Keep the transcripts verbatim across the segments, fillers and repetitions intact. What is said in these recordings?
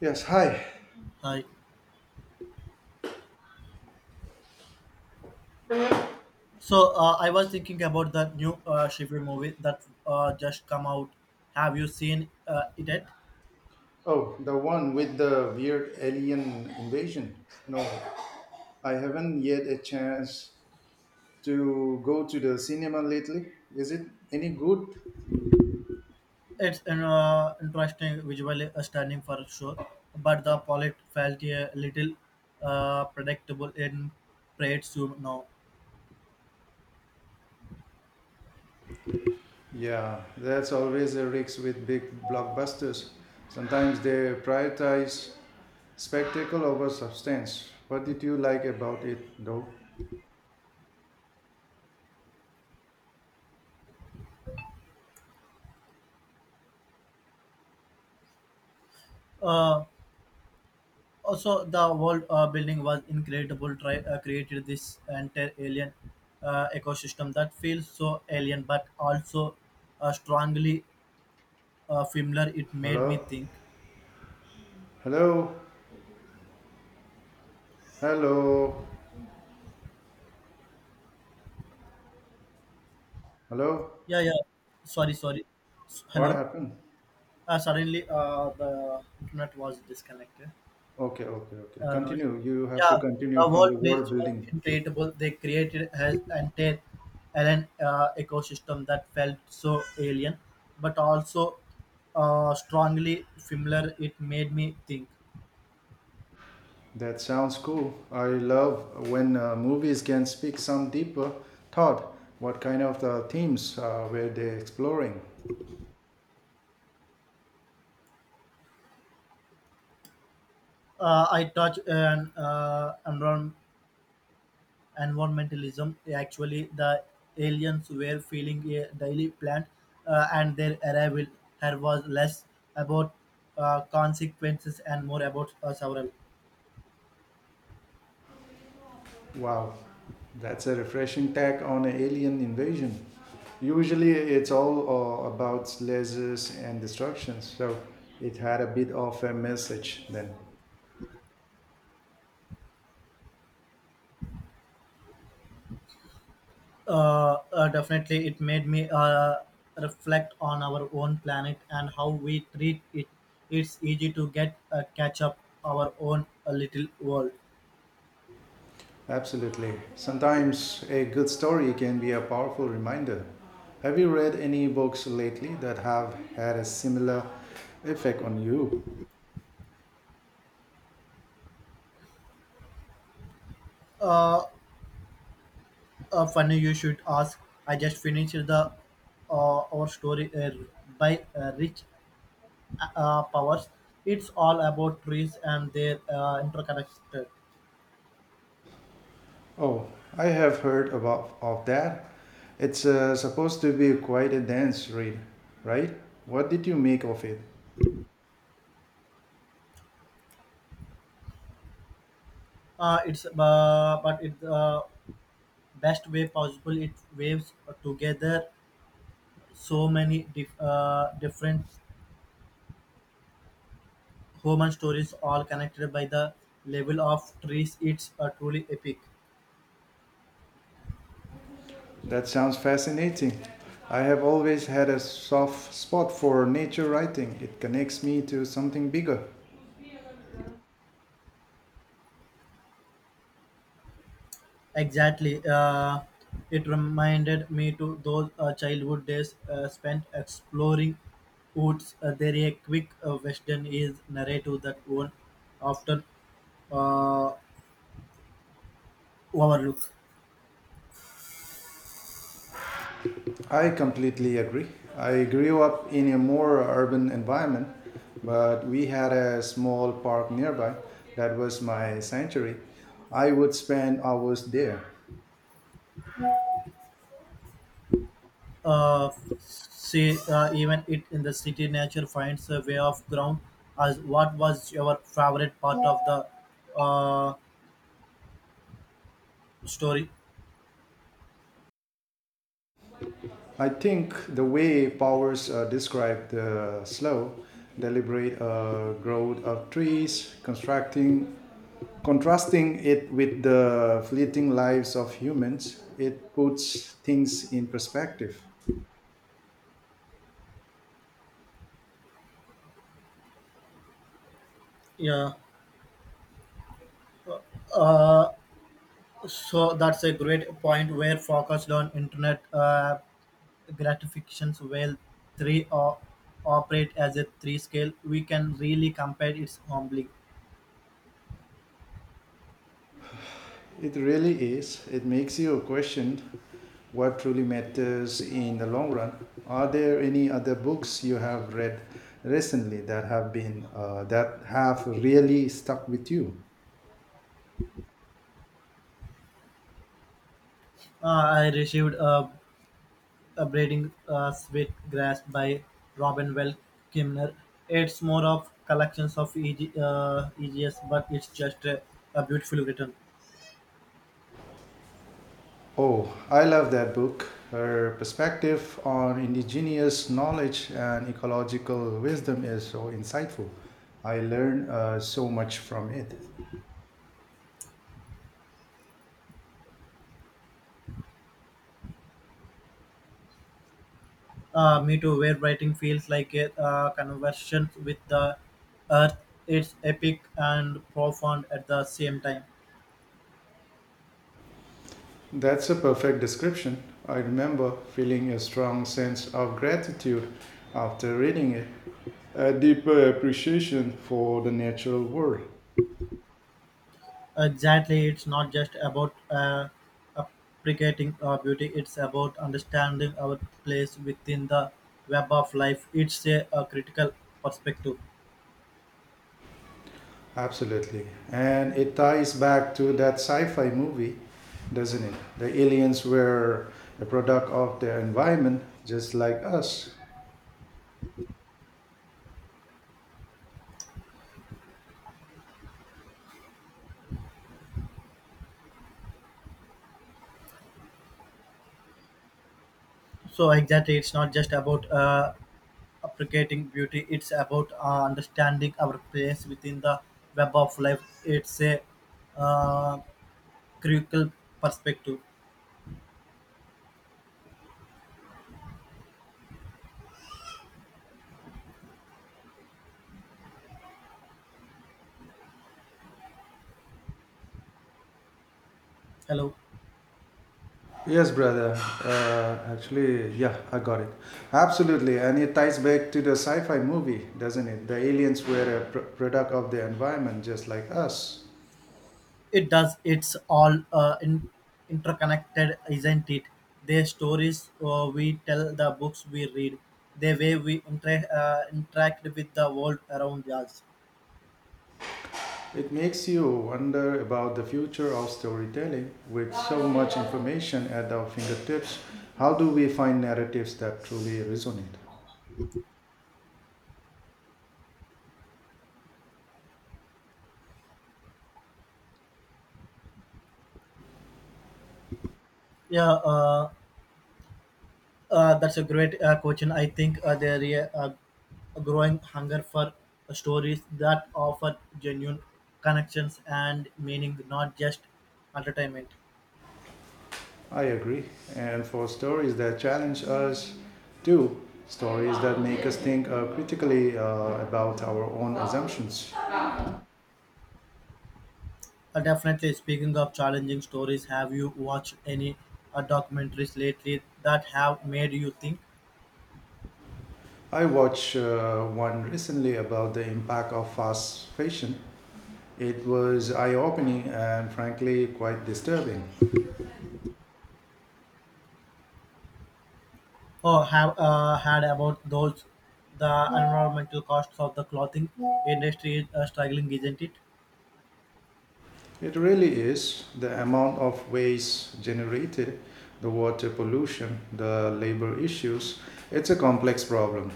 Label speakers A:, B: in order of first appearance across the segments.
A: Yes, hi.
B: Hi. So uh, I was thinking about the new uh, Shiver movie that uh, just come out. Have you seen uh, it? Yet?
A: Oh, the one with the weird alien invasion. No, I haven't yet a chance to go to the cinema lately. Is it any good?
B: It's an uh, interesting, visually stunning for sure, but the plot felt a little uh, predictable in parades you know.
A: Yeah, that's always a risk with big blockbusters. Sometimes they prioritize spectacle over substance. What did you like about it, though?
B: Uh, Also, the world uh, building was incredible. Try uh, created this entire alien uh, ecosystem that feels so alien, but also uh, strongly uh, familiar. It made me
A: Hello?
B: think.
A: Hello? Hello? Hello?
B: Yeah, yeah. Sorry, sorry. S-
A: What
B: Hello.
A: happened?
B: Uh, suddenly, uh, the internet was disconnected.
A: Okay, okay, okay.
B: Uh, no.
A: Continue. You have
B: Yeah,
A: to continue
B: the
A: from
B: world
A: the
B: builds
A: world
B: were
A: building.
B: incredible. They created as an entire an uh, ecosystem that felt so alien, but also uh, strongly familiar. It made me think.
A: That sounds cool. I love when uh, movies can speak some deeper thought. What kind of the themes uh, were they exploring?
B: Uh, I touched an uh, environment environmentalism. Actually, the aliens were feeling a daily plant, uh, and their arrival here was less about uh, consequences and more about uh, several.
A: Wow, that's a refreshing tack on an alien invasion. Usually, it's all uh, about lasers and destruction, so it had a bit of a message then.
B: Uh, uh, definitely, it made me uh, reflect on our own planet and how we treat it. It's easy to get uh, catch up our own uh, little world.
A: Absolutely. Sometimes a good story can be a powerful reminder. Have you read any books lately that have had a similar effect on you?
B: Uh, uh, Funny you should ask. I just finished the uh, Our Story uh, by uh, Rich uh, Powers. It's all about trees and their uh, interconnected.
A: Oh, I have heard about of that. It's uh, supposed to be quite a dense read, right? What did you make of it?
B: Uh, it's uh, But it's uh, best way possible. It waves together so many dif- uh, different human stories, all connected by the level of trees. It's uh, truly epic.
A: That sounds fascinating. I have always had a soft spot for nature writing. It connects me to something bigger.
B: Exactly. Uh, it reminded me to those uh, childhood days uh, spent exploring woods. Uh, there a quick uh, western is narrative that one often uh, overlook.
A: I completely agree. I grew up in a more urban environment, but we had a small park nearby that was my sanctuary. I would spend hours there.
B: Uh, See, uh, even it in the city, nature finds a way of ground. As what was your favorite part of the uh, story?
A: I think the way Powers uh, described the slow, deliberate uh, growth of trees, constructing, contrasting it with the fleeting lives of humans, it puts things in perspective.
B: Yeah, so that's a great point. Where focused on internet. Uh, gratifications while three o- operate as a three scale we can really compare its humbly
A: It really is. It makes you question what truly matters in the long run. Are there any other books you have read recently that have been uh, that have really stuck with you?
B: uh, I received a, a braiding uh, sweet grass by Robin Well Kimner. It's more of collections of E G, uh, egs, but it's just a, a beautiful return.
A: Oh, I love that book. Her perspective on indigenous knowledge and ecological wisdom is so insightful. I learned uh, so much from it.
B: Uh, me too, where writing feels like a uh, conversion with the earth. It's epic and profound at the same time.
A: That's a perfect description. I remember feeling a strong sense of gratitude after reading it, a deeper appreciation for the natural world.
B: Exactly, it's not just about uh, appreciating our beauty; it's about understanding our place within the web of life. It's a, a critical perspective.
A: Absolutely. And it ties back to that sci fi movie, doesn't it? The aliens were a product of their environment, just like us.
B: So exactly, it's not just about uh, appreciating beauty; it's about uh, understanding our place within the web of life. It's a uh, critical perspective. Hello.
A: Yes, brother. Uh, actually, yeah, I got it. Absolutely. And it ties back to the sci fi movie, doesn't it? The aliens were a pr- product of their environment, just like us.
B: It does. It's all uh, in, interconnected, isn't it? The stories uh, we tell, the books we read, the way we inter- uh, interact with the world around us.
A: It makes you wonder about the future of storytelling with so much information at our fingertips. How do we find narratives that truly resonate?
B: Yeah, uh, uh, that's a great uh, question. I think uh, there is a, a growing hunger for stories that offer genuine connections and meaning, not just entertainment.
A: I agree. And for stories that challenge us, too, stories that make us think uh, critically uh, about our own assumptions.
B: Uh, definitely, speaking of challenging stories, have you watched any uh, documentaries lately that have made you think
A: I watched uh, one recently about the impact of fast fashion. It was eye opening and frankly quite disturbing.
B: or have uh, had about those the environmental costs of the clothing industry is uh, struggling, isn't it?
A: It really is the amount of waste generated, the water pollution, the labor issues. It's a complex problem.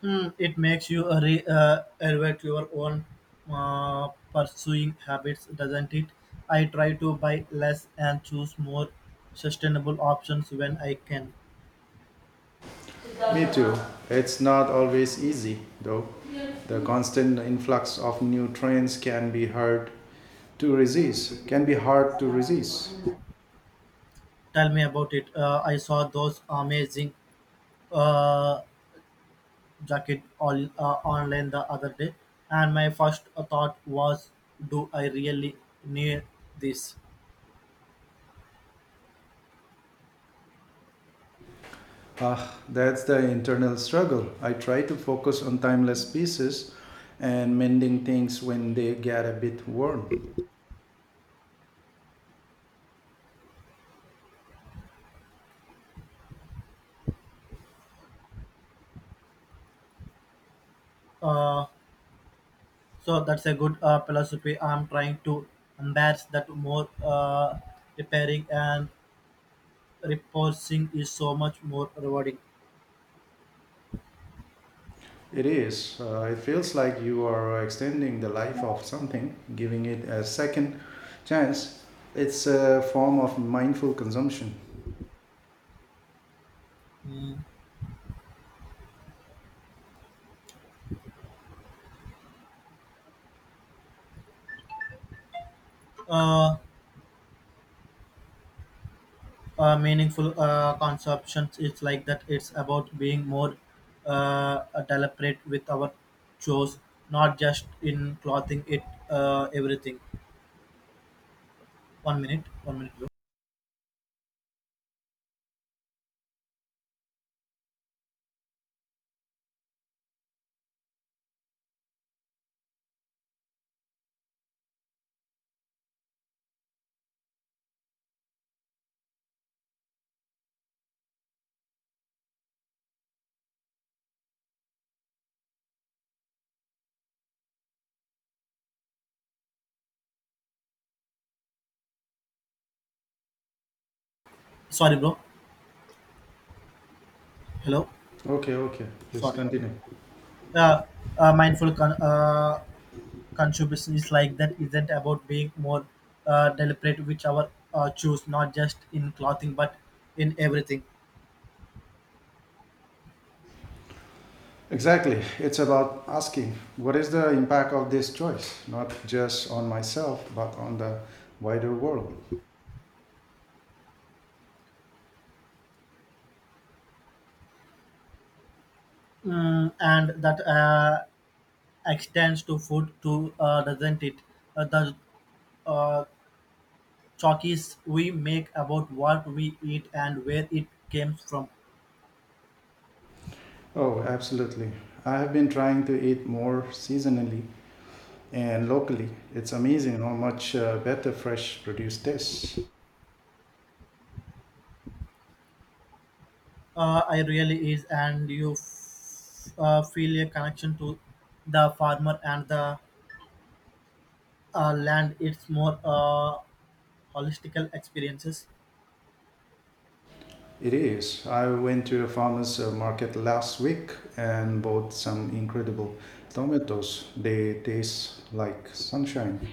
B: Hmm, it makes you uh, re- uh, evaluate your own uh, pursuing habits, doesn't it? I try to buy less and choose more sustainable options when I can.
A: Me too. It's not always easy, though. The constant influx of new trends can be hard to resist. Can be hard to resist.
B: Tell me about it. Uh, I saw those amazing uh, jacket all, uh, online the other day, and my first thought was, do I really need this?
A: Ah, that's the internal struggle. I try to focus on timeless pieces and mending things when they get a bit worn.
B: Uh, so that's a good uh, philosophy. I'm trying to embrace that more. Uh, repairing and repurposing is so much more rewarding.
A: It is. Uh, it feels like you are extending the life of something, giving it a second chance. It's a form of mindful consumption.
B: Mm. Uh, uh, meaningful uh, conceptions. It's like that. It's about being more uh, deliberate with our chores, not just in clothing. It uh, everything. One minute, one minute, bro. Sorry, bro. Hello.
A: Okay, okay. Please
B: Sorry, sorry.
A: continue.
B: Uh, uh, mindful con- uh, consumption is like that isn't about being more uh, deliberate with our uh, choose, not just in clothing but in everything.
A: Exactly. It's about asking what is the impact of this choice, not just on myself, but on the wider world.
B: Mm, and that uh, extends to food too, uh, doesn't it? Uh, the uh, choices we make about what we eat and where it comes from.
A: Oh, absolutely. I have been trying to eat more seasonally and locally. It's amazing how much uh, better fresh produce tastes.
B: Uh, I really is, and you f- uh, feel a connection to the farmer and the uh, land. It's more uh, holistical experiences.
A: It is. I went to a farmer's uh, market last week and bought some incredible tomatoes. They taste like sunshine.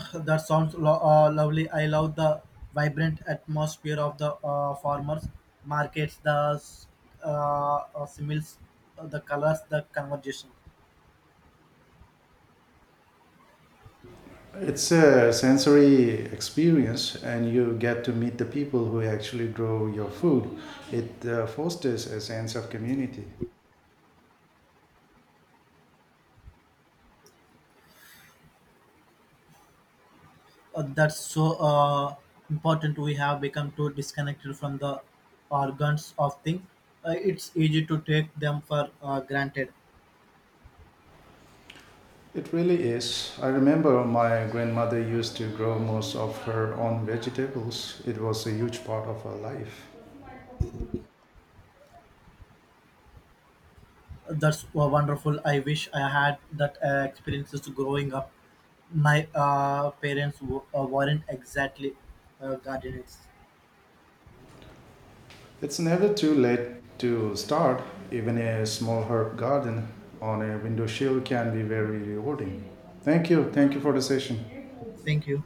B: That sounds lo- uh, lovely. I love the vibrant atmosphere of the uh, farmers markets, the s- uh, uh, similes, uh, the colors, the conversation.
A: It's a sensory experience, and you get to meet the people who actually grow your food. It uh, fosters a sense of community.
B: Uh, that's so uh, important. We have become too disconnected from the organs of things. Uh, it's easy to take them for uh, granted.
A: It really is. I remember my grandmother used to grow most of her own vegetables, it was a huge part of her life.
B: That's wa- wonderful. I wish I had that uh, experiences growing up. My uh, parents w- uh, weren't exactly uh, gardeners.
A: It's never too late to start, even a small herb garden on a windowsill can be very rewarding. Thank you. Thank you for the session.
B: Thank you.